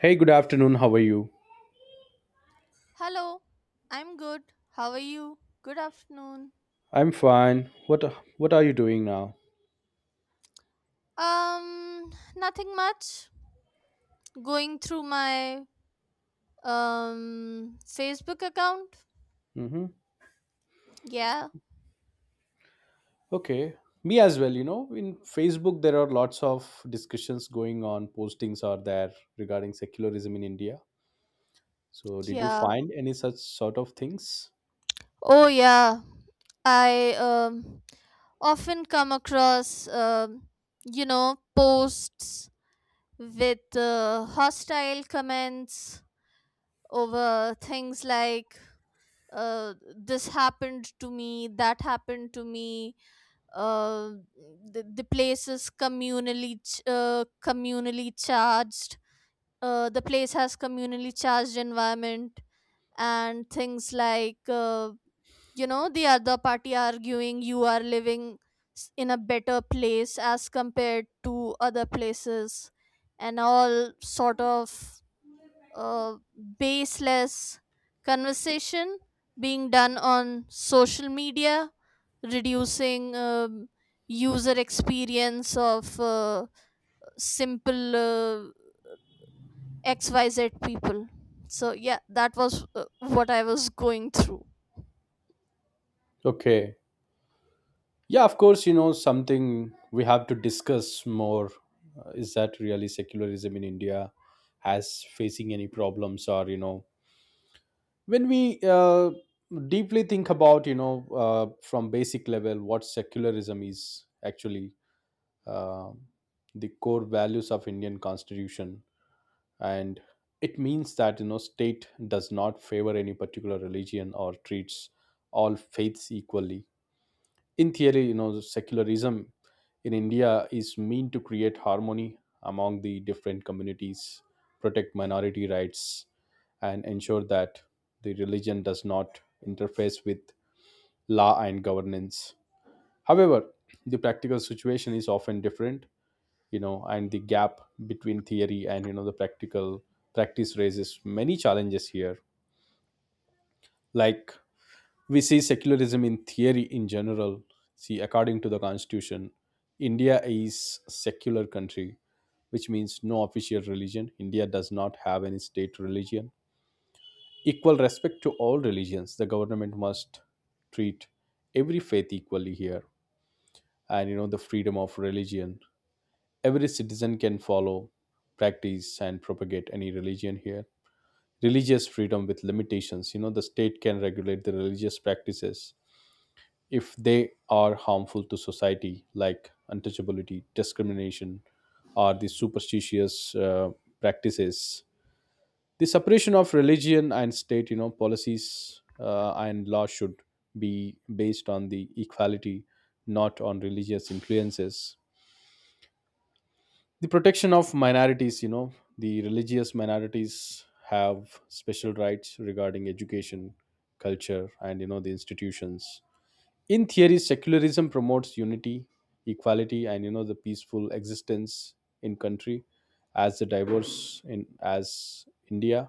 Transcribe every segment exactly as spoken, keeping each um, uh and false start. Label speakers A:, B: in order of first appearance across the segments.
A: Hey, good afternoon. How are you?
B: Hello, I'm good. How are you? Good afternoon.
A: I'm fine. What What are you doing now?
B: Um, nothing much. Going through my um Facebook account.
A: Mm-hmm.
B: Yeah,
A: Okay, me as well. You know, in Facebook there are lots of discussions going on. Postings are there regarding secularism in India. So, did you
B: yeah.
A: find any such sort of things?
B: Oh yeah. I um often come across um you know posts with uh, hostile comments over things like uh, this happened to me, that happened to me, uh, the, the place is communally ch- uh, communally charged, uh, the place has communally charged environment, and things like uh, you know the other party arguing you are living s- in a better place as compared to other places, and all sort of uh, baseless conversation being done on social media, reducing um user experience of uh, simple uh, xyz people. So yeah, that was uh, what i was going through.
A: Okay, yeah, of course. You know, something we have to discuss more, uh, is that really secularism in India has facing any problems, or you know when we uh, deeply think about, you know uh, from basic level, what secularism is actually, uh, the core values of Indian constitution, and it means that you know state does not favor any particular religion or treats all faiths equally. In theory, you know secularism in India is meant to create harmony among the different communities, protect minority rights, and ensure that the religion does not interface with law and governance. However, the practical situation is often different, you know and the gap between theory and, you know the practical practice raises many challenges here. Like, we see secularism in theory in general. See, according to the constitution, India is secular country, which means no official religion. India does not have any state religion. Equal respect to all religions: the government must treat every faith equally here. And you know the freedom of religion: every citizen can follow, practice and propagate any religion here. Religious freedom with limitations, you know the state can regulate the religious practices if they are harmful to society, like untouchability, discrimination, or the superstitious uh, practices. The separation of religion and state, you know, policies uh, and law should be based on the equality, not on religious influences. The protection of minorities, you know, the religious minorities have special rights regarding education, culture, and you know the institutions. In theory, secularism promotes unity, equality and you know the peaceful existence in country as the diverse in as India.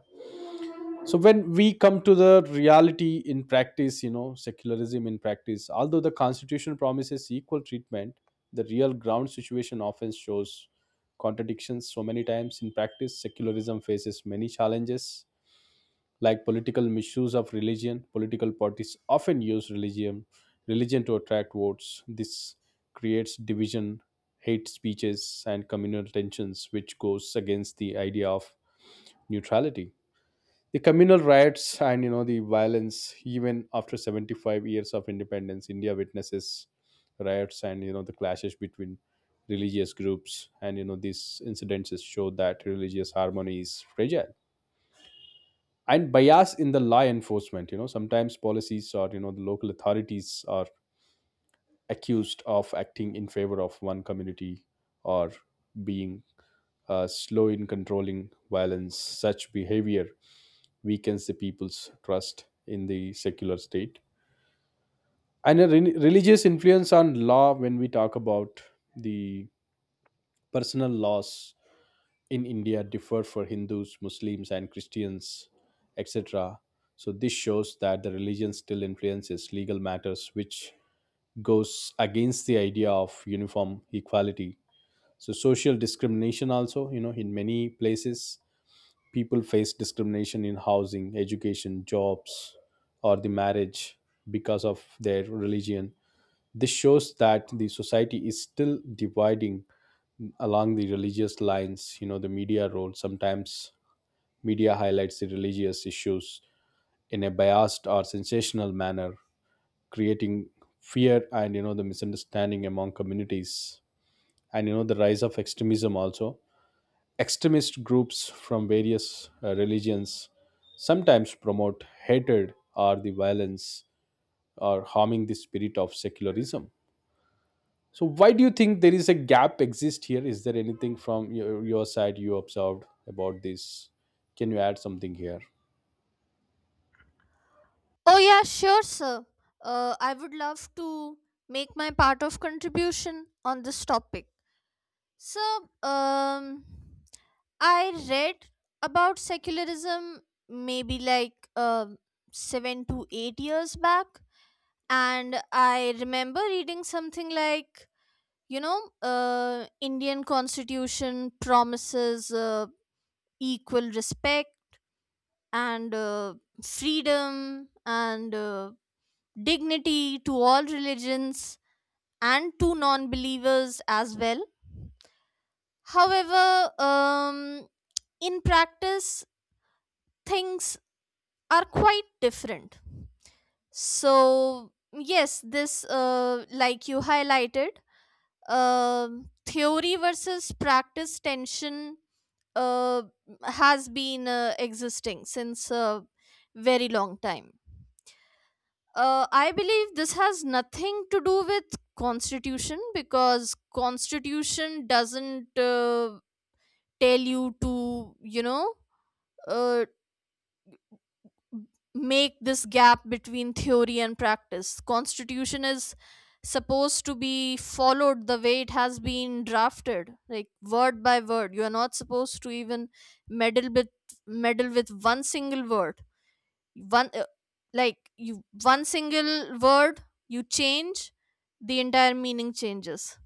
A: So, when we come to the reality in practice, you know secularism in practice, although the constitution promises equal treatment, the real ground situation often shows contradictions. So many times in practice, secularism faces many challenges like political misuse of religion. Political parties often use religion religion to attract votes. This creates division, hate speeches, and communal tensions, which goes against the idea of neutrality. The communal riots and you know the violence, even after seventy-five years of independence, India witnesses riots and you know the clashes between religious groups, and you know these incidences show that religious harmony is fragile. And bias in the law enforcement, you know sometimes policies or you know the local authorities are accused of acting in favor of one community, or being uh, slow in controlling violence. Such behavior weakens the people's trust in the secular state. And a re- religious influence on law: when we talk about the personal laws in India differ for Hindus, Muslims, and Christians, et cetera. So this shows that the religion still influences legal matters, which goes against the idea of uniform equality. So social discrimination also, you know, in many places, people face discrimination in housing, education, jobs, or the marriage because of their religion. This shows that the society is still dividing along the religious lines, you know the media role sometimes. Media highlights the religious issues in a biased or sensational manner, creating fear and you know the misunderstanding among communities, and you know the rise of extremism also. Extremist groups from various uh, religions sometimes promote hatred or the violence, or harming the spirit of secularism. So, why do you think there is a gap exist here? Is there anything from your, your side you observed about this? Can you add something here?
B: Oh yeah, sure, sir. uh, i would love to make my part of contribution on this topic. So um I read about secularism maybe like um seven to eight years back, and i remember reading something like you know uh, Indian constitution promises uh, equal respect and uh, freedom and uh, dignity to all religions and to non-believers as well. However, um, in practice, things are quite different. So yes, this, uh, like you highlighted, um theory versus practice tension uh, has been uh, existing since a very long time. Uh, I believe this has nothing to do with constitution, because constitution doesn't uh, tell you to, you know uh, make this gap between theory and practice. Constitution is supposed to be followed the way it has been drafted, like word by word. You are not supposed to even meddle with meddle with one single word. One uh, like you one single word you change, the entire meaning changes.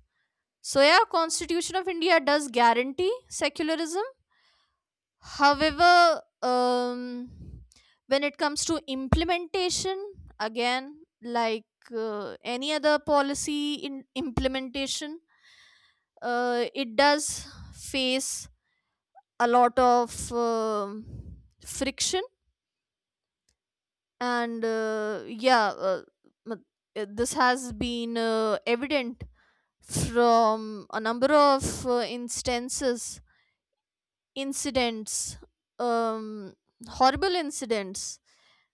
B: So yeah, constitution of india does guarantee secularism. However, um, when it comes to implementation, again, like uh, any other policy in implementation, uh, it does face a lot of um friction, and uh, yeah, uh, m- uh, this has been uh, evident from a number of uh, instances, incidents, um, horrible incidents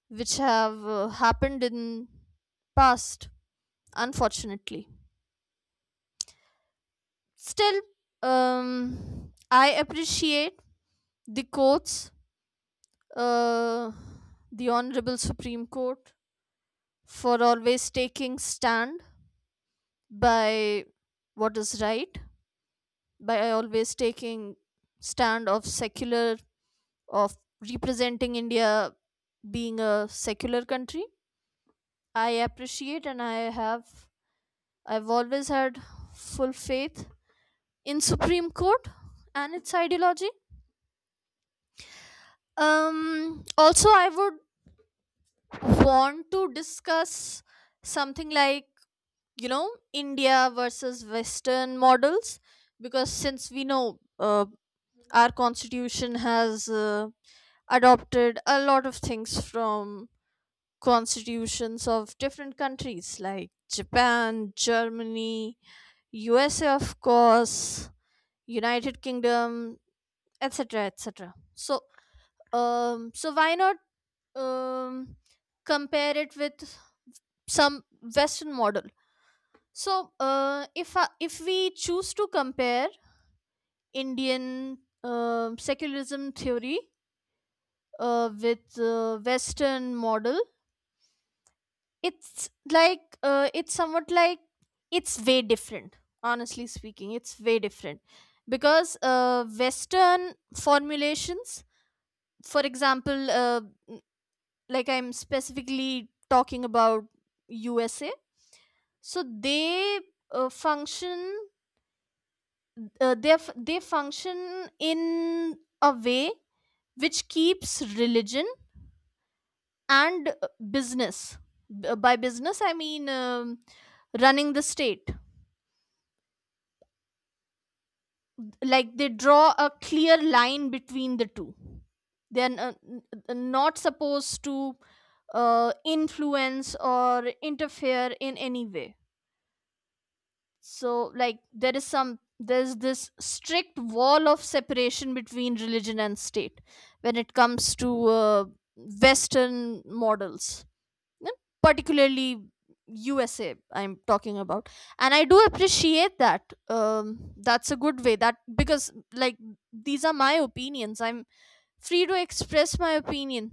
B: which have uh, happened in past. Unfortunately, still um i appreciate the courts, uh the honorable Supreme Court, for always taking stand by what is right, by always taking stand of secular, of representing india being a secular country. I appreciate, and i have i've always had full faith in Supreme Court and its ideology. Um, also, I would want to discuss something like, you know India versus Western models, because since we know, uh, our constitution has uh, adopted a lot of things from constitutions of different countries like Japan, Germany, U S A, of course, United Kingdom, et cetera, et cetera. So Um, so why not um, compare it with some Western model? So uh, if I, if we choose to compare Indian um secularism theory uh, with uh, Western model, it's like, uh, it's somewhat like, it's way different. Honestly speaking, it's way different because uh, Western formulations, for example, uh, like i'm specifically talking about USA. So they uh, function, uh, they f- they function in a way which keeps religion and uh, business. B- by business, i mean, um, running the state. Like they draw a clear line between the two. They are n- n- uh, not supposed to uh, influence or interfere in any way. So like, there is some, there's this strict wall of separation between religion and state when it comes to uh, Western models, and particularly USA i'm talking about. And i do appreciate that, um, that's a good way that, because like, these are my opinions. I'm free to express my opinion.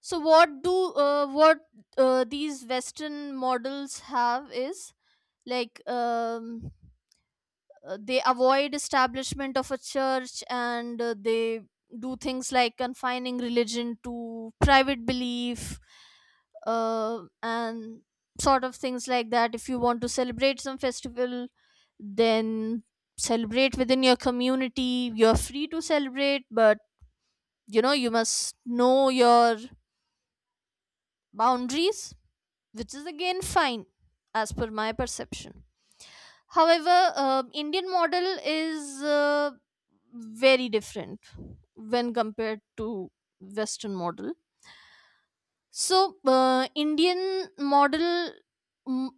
B: So what do uh, what uh, these Western models have is, like, um uh, they avoid establishment of a church, and uh, they do things like confining religion to private belief, uh, and sort of things like that. If you want to celebrate some festival, then celebrate within your community. You're free to celebrate, but you know you must know your boundaries, which is again fine as per my perception. However, uh, Indian model is uh, very different when compared to Western model. So, uh, Indian model, mm,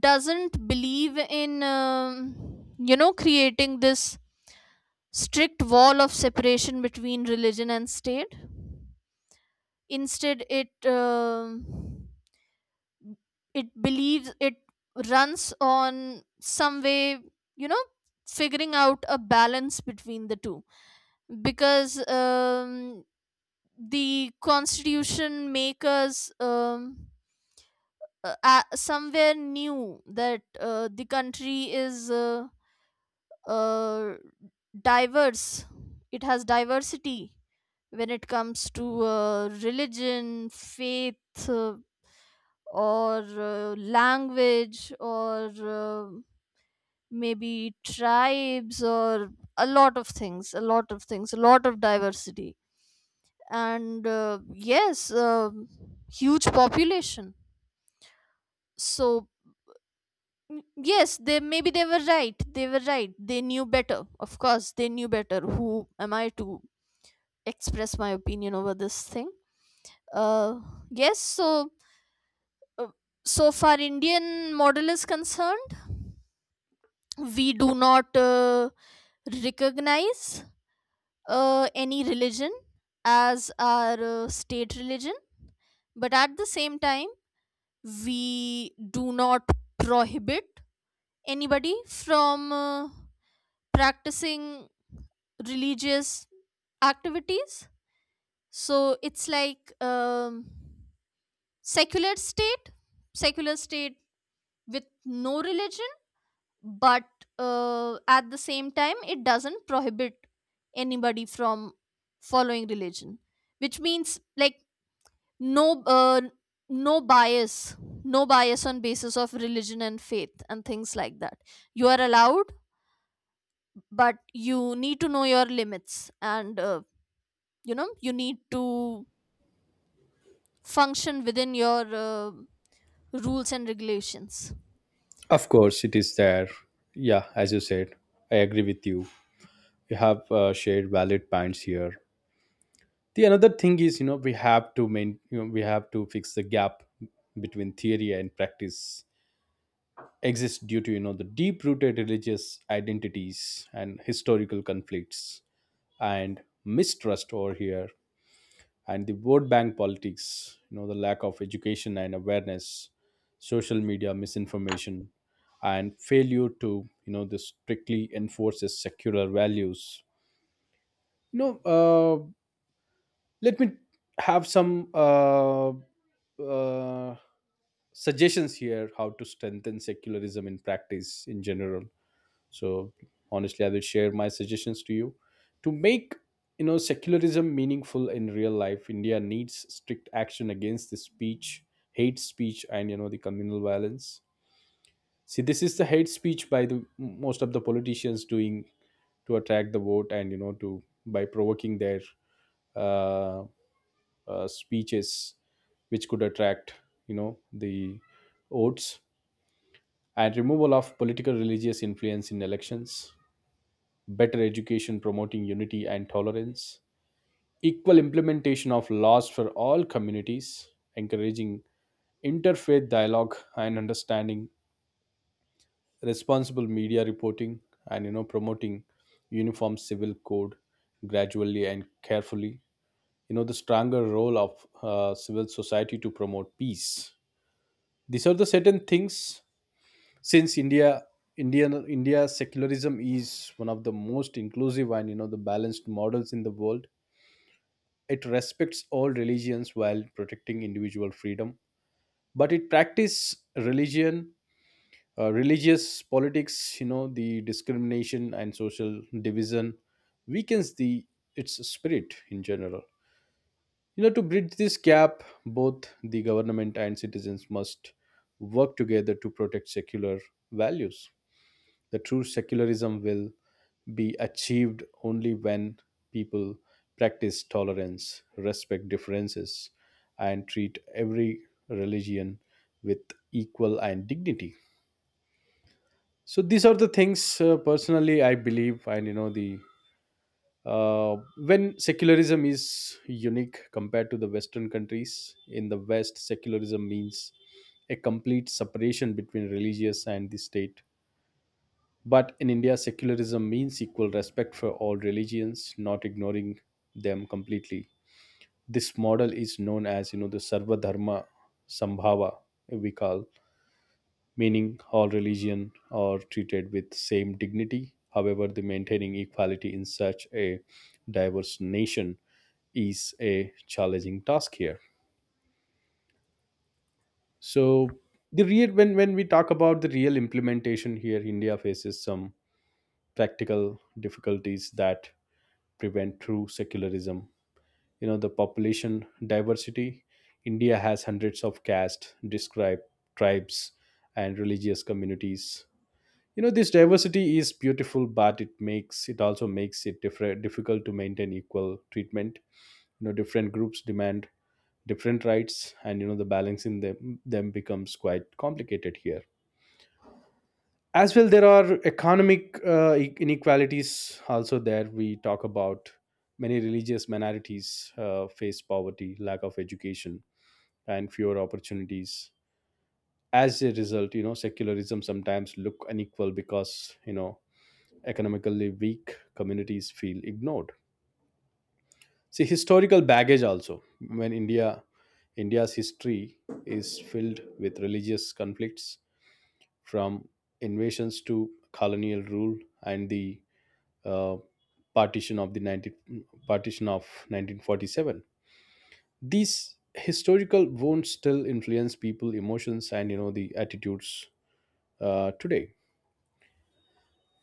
B: doesn't believe in, um, you know creating this strict wall of separation between religion and state. Instead, it um it believes, it runs on some way, you know figuring out a balance between the two, because um, the constitution makers, um, uh, uh, somewhere knew that uh, the country is uh, uh, diverse, it has diversity when it comes to uh, religion, faith, uh, or uh, language, or uh, maybe tribes, or a lot of things, a lot of things, a lot of diversity. And uh, yes, um huge population. So mm, yes, they maybe they were right, they were right, they knew better, of course they knew better. Who am i to express my opinion over this thing? uh yes, so uh, so far Indian model is concerned, we do not uh, recognize uh, any religion as our uh, state religion, but at the same time, we do not prohibit anybody from uh, practicing religious activities. So it's like, um, secular state, secular state with no religion, but uh, at the same time it doesn't prohibit anybody from following religion, which means like, no uh, no bias no bias on basis of religion and faith and things like that. You are allowed, but you need to know your limits, and uh, you know you need to function within your uh, rules and regulations.
A: Of course, it is there. Yeah, as you said, I agree with you. We have uh, shared valid points here. The another thing is, you know, we have to main, you know, we have to fix the gap between theory and practice exists due to you know the deep-rooted religious identities and historical conflicts and mistrust over here, and the vote bank politics, you know the lack of education and awareness, social media misinformation, and failure to, you know this strictly enforces secular values. You know uh, let me have some, uh, uh, suggestions here how to strengthen secularism in practice in general. So, honestly, I will share my suggestions to you to make you know secularism meaningful in real life. India needs strict action against the speech, hate speech, and you know the communal violence. See, this is the hate speech by the most of the politicians doing to attract the vote, and you know to by provoking their, uh, uh, speeches which could attract you know the votes, and removal of political religious influence in elections, better education promoting unity and tolerance, equal implementation of laws for all communities, encouraging interfaith dialogue and understanding, responsible media reporting, and you know promoting uniform civil code gradually and carefully. You know the stronger role of uh, civil society to promote peace. These are the certain things. Since India, Indian India secularism is one of the most inclusive and you know the balanced models in the world. It respects all religions while protecting individual freedom, but it practice religion, uh, religious politics, you know the discrimination and social division weakens the its spirit in general. You know to bridge this gap, both the government and citizens must work together to protect secular values. The true secularism will be achieved only when people practice tolerance, respect differences, and treat every religion with equal and dignity. So these are the things, uh, personally I believe, and you know the uh, when secularism is unique compared to the Western countries. In the West, secularism means a complete separation between religious and the state. But in India, secularism means equal respect for all religions, not ignoring them completely. This model is known as, you know, the Sarva Dharma Sambhava, we call, meaning all religion are treated with same dignity. However, the maintaining equality in such a diverse nation is a challenging task here. So the real when when we talk about the real implementation here, India faces some practical difficulties that prevent true secularism. You know, the population diversity. India has hundreds of castes, describe tribes, and religious communities. You know, this diversity is beautiful, but it makes it also makes it different, difficult to maintain equal treatment. You know, different groups demand different rights, and, you know, the balance in them them becomes quite complicated here. As well, there are economic, uh, e- inequalities also there. We talk about many religious minorities, uh, face poverty, lack of education, and fewer opportunities. As a result, you know secularism sometimes look unequal because, you know economically weak communities feel ignored. See, historical baggage also. When India, India's history is filled with religious conflicts, from invasions to colonial rule, and the, uh, partition of the nineteen, partition of nineteen forty-seven, these historical wounds still influence people emotions and you know the attitudes, uh, today.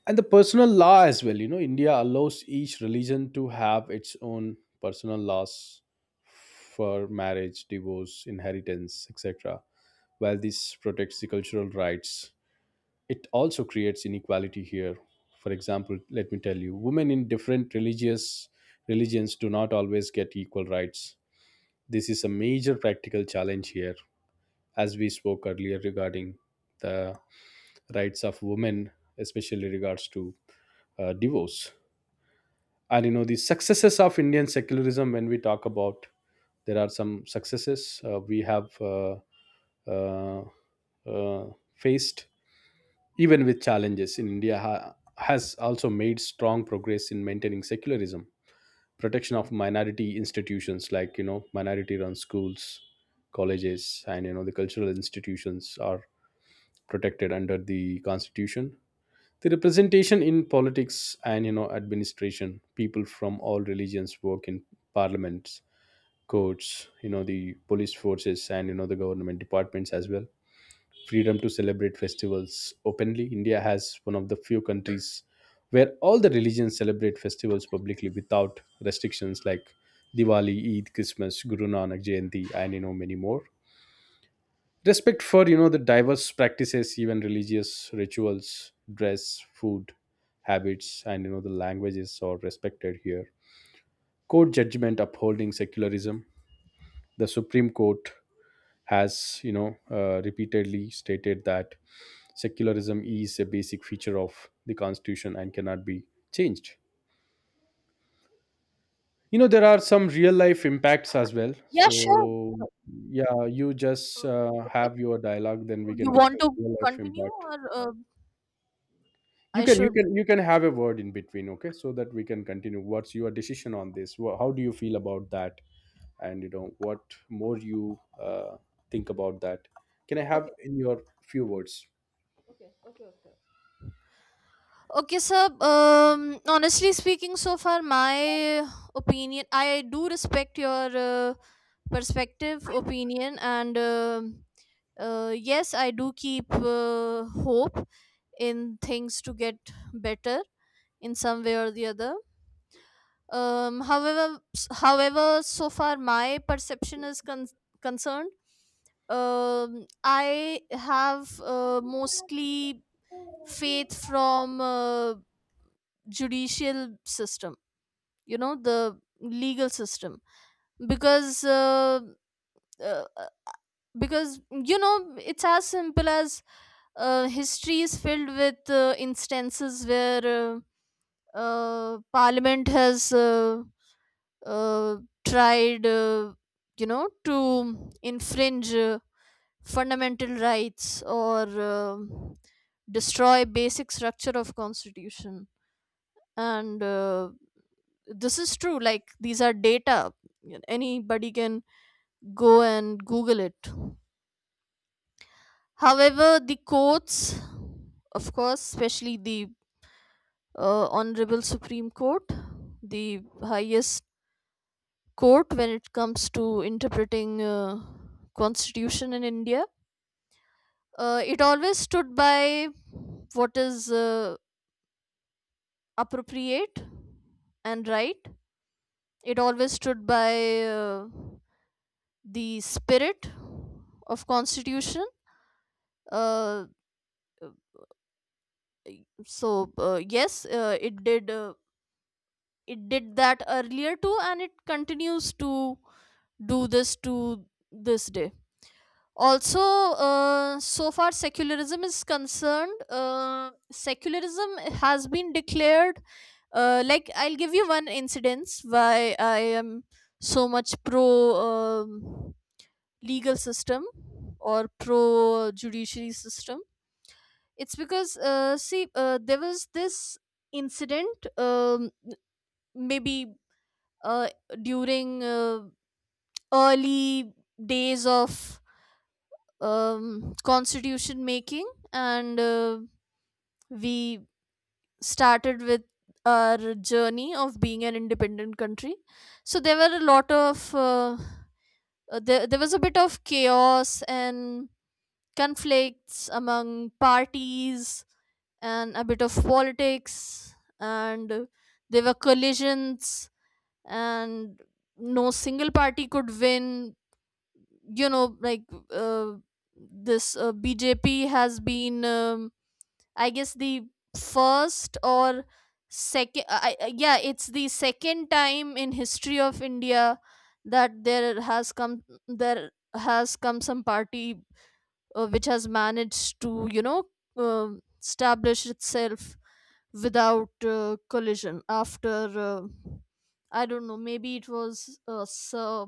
A: And the personal law as well, you know India allows each religion to have its own personal laws for marriage, divorce, inheritance, et cetera., while this protects the cultural rights, it also creates inequality here. For example, let me tell you, women in different religious religions do not always get equal rights. This is a major practical challenge here, as we spoke earlier regarding the rights of women, especially regards to, uh, divorce. And you know the successes of Indian secularism, when we talk about, there are some successes, uh, we have, uh, uh, uh, faced. Even with challenges, in India ha- has also made strong progress in maintaining secularism. Protection of minority institutions, like, you know minority run schools, colleges, and you know the cultural institutions are protected under the constitution. The representation in politics and, you know administration, people from all religions work in parliaments, courts, you know the police forces, and you know the government departments as well. Freedom to celebrate festivals openly. India has one of the few countries where all the religions celebrate festivals publicly without restrictions like Diwali, Eid, Christmas, Guru Nanak Jayanti, and you know many more. Respect for, you know the diverse practices, even religious rituals, dress, food, habits, and you know the languages are respected here. Court judgment upholding secularism. The Supreme Court has, you know uh, repeatedly stated that secularism is a basic feature of the constitution and cannot be changed. You know there are some real life impacts as well,
B: Yeah, sure.
A: so. Yeah, you just,
B: Uh,
A: uh,
B: okay,
A: have your dialogue, then we can
B: you want
A: discuss
B: to
A: real life
B: continue,
A: impact.
B: or uh,
A: you
B: i
A: can you
B: should?
A: can you can have a word in between. Okay, so that we can continue. What's your decision on this? Wha- how do you feel about that? And you know what more you, uh, think about that, can I have
B: Okay.
A: in your few words?
B: Okay, okay, okay. Okay, sir. Um, honestly speaking, so far my opinion, I do respect your uh, perspective, opinion, and um uh, yes, I do keep uh, hope in things to get better in some way or the other. Um, however, however, so far my perception is con- concerned. Um, I have uh, mostly faith from. Uh, judicial system, you know the legal system, because uh, uh, because you know it's as simple as, uh, history is filled with uh, instances where uh, uh, parliament has uh, uh, tried uh, you know to infringe uh, fundamental rights or uh, destroy basic structure of constitution. And uh, this is true, like these are data, anybody can go and google it. However, the courts, of course, especially the uh, honorable Supreme Court, the highest court when it comes to interpreting uh, constitution in india, uh, it always stood by what is uh, appropriate and right. It always stood by uh, the spirit of constitution. uh, so uh, yes, uh, it did uh, it did that earlier too, and it continues to do this to this day. Also, uh, so far secularism is concerned, uh, secularism has been declared, uh, like i'll give you one incidence why i am so much pro um, legal system or pro judiciary system. It's because, uh, see, uh, there was this incident, um, maybe uh, during uh, early days of um, constitution making, and uh, we started with our journey of being an independent country. So there were a lot of uh, uh, there, there was a bit of chaos and conflicts among parties and a bit of politics, and there were collisions, and no single party could win. You know like, uh, this uh, B J P has been, um, i guess the first or second. I, I- uh, yeah, it's the second time in history of india that there has come there has come some party uh, which has managed to, you know um establish itself without uh, collision after, uh, i don't know, maybe it was, uh, sir,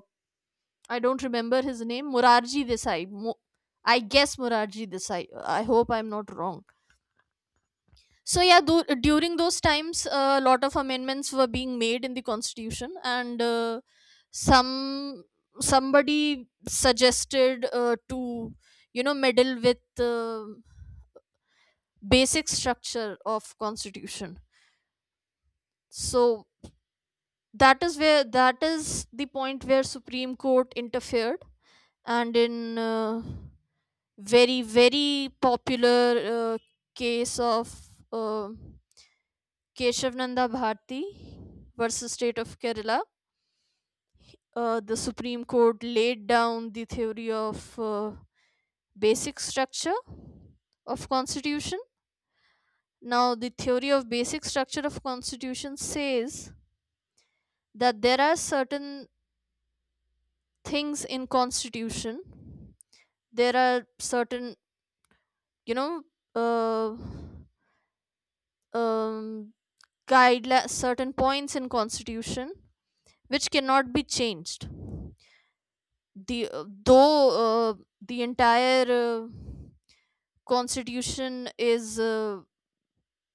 B: i don't remember his name, Morarji Desai. Mo- i guess Morarji Desai. I hope i'm not wrong. So yeah, tho- during those times, a lot of amendments were being made in the constitution, and uh, some somebody suggested uh, to, you know meddle with uh, basic structure of constitution. So that is where that is the point where Supreme Court interfered, and in uh, very very popular uh, case of, uh, Keshavananda Bharti versus State of kerala, uh, the Supreme Court laid down the theory of uh, basic structure of constitution. Now, the theory of basic structure of constitution says that there are certain things in constitution, there are certain, you know uh, um, guidelines, certain points in constitution which cannot be changed. The uh, though uh, the entire uh, constitution is uh,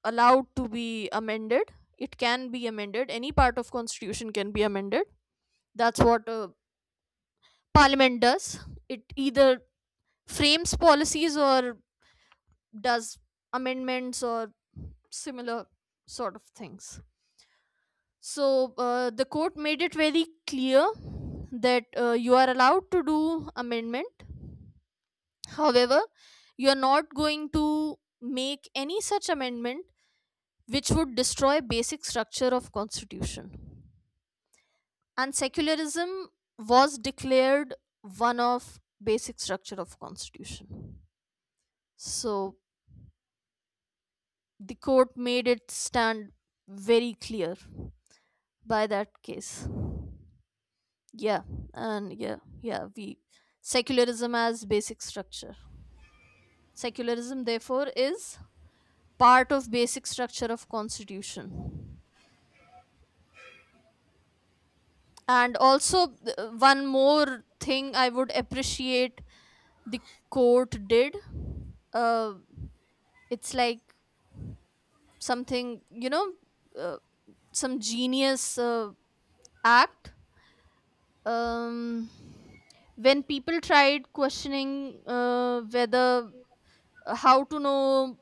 B: allowed to be amended, it can be amended, any part of constitution can be amended. That's what uh, parliament does. It either frames policies or does amendments or similar sort of things. So uh, the court made it very clear that uh, you are allowed to do amendment. However, you are not going to make any such amendment which would destroy basic structure of constitution. And secularism was declared one of basic structure of constitution. So the court made it stand very clear by that case, yeah. And yeah yeah, we secularism as basic structure, secularism therefore is part of basic structure of constitution. And also, th- one more thing i would appreciate the court did, uh, it's like something, you know uh, some genius uh, act, um when people tried questioning, uh, whether uh, how to know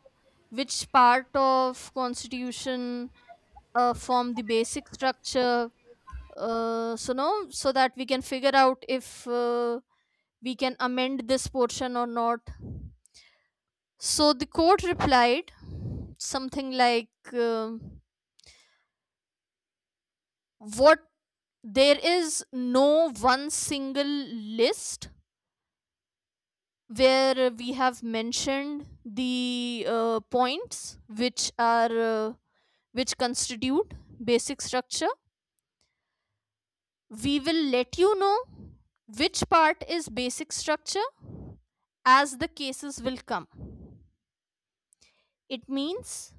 B: which part of constitution uh, form the basic structure, uh, so no so that we can figure out if uh, we can amend this portion or not. So the court replied something like, um what there is no one single list where we have mentioned the uh, points which are, uh, which constitute basic structure. We will let you know which part is basic structure as the cases will come. It means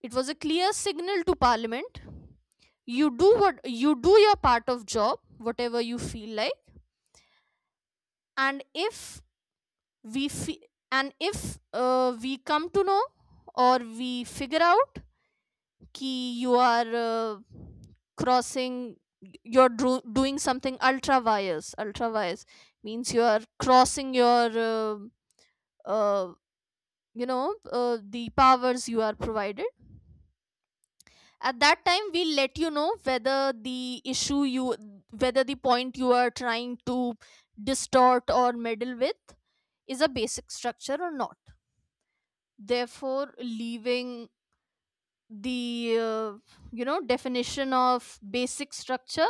B: it was a clear signal to parliament: you do what you do, your part of job, whatever you feel like. And if we fe- and if uh, we come to know, or we figure out कि you are uh, crossing, you're dro- doing something ultra wise ultra wise, means you are crossing your uh, uh, you know uh, the powers you are provided. At that time we let you know whether the issue you whether the point you are trying to distort or meddle with is a basic structure or not, therefore leaving the uh, you know definition of basic structure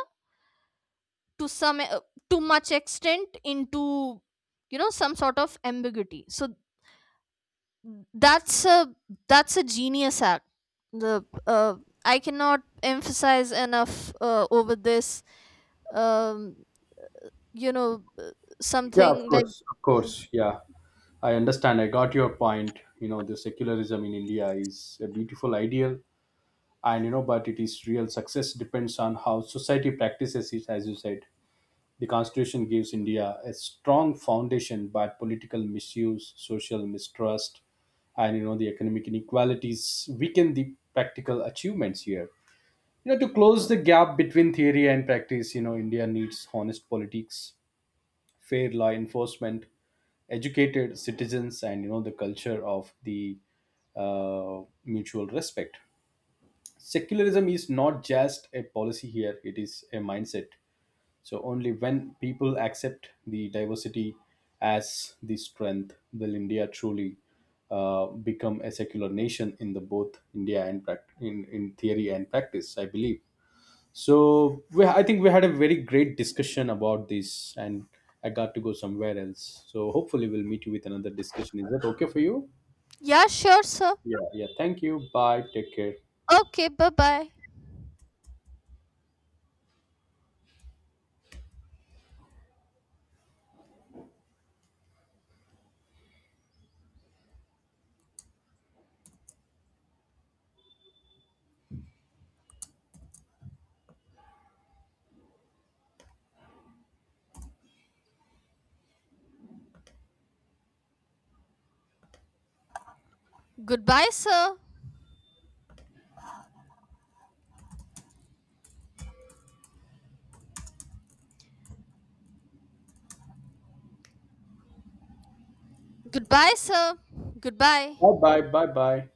B: to some uh, too much extent into, you know, some sort of ambiguity. So that's a that's a genius act. The uh, i cannot emphasize enough uh, over this, um you know
A: Yeah, of
B: something like.
A: course, of course. Yeah, I understand. I got your point. You know, the secularism in India is a beautiful ideal, and, you know, but it is real success depends on how society practices it. As you said, the constitution gives India a strong foundation, but political misuse, social mistrust, and, you know, the economic inequalities weaken the practical achievements here. You know, to close the gap between theory and practice, you know, India needs honest politics, fair law enforcement, educated citizens, and you know the culture of the, uh, mutual respect. Secularism is not just a policy here; it is a mindset. So only when people accept the diversity as the strength, will India truly, uh, become a secular nation in the both India and prac- in in theory and practice, I believe. So, we, I think we had a very great discussion about this, and I got to go somewhere else. So hopefully we'll meet you with another discussion. Is that okay for you?
B: Yeah, sure, sir.
A: Yeah. Yeah. Thank you. Bye. Take care.
B: Okay, bye bye. Goodbye, sir. Goodbye, sir.
A: Bye.
B: Goodbye.
A: Bye. Bye. Bye.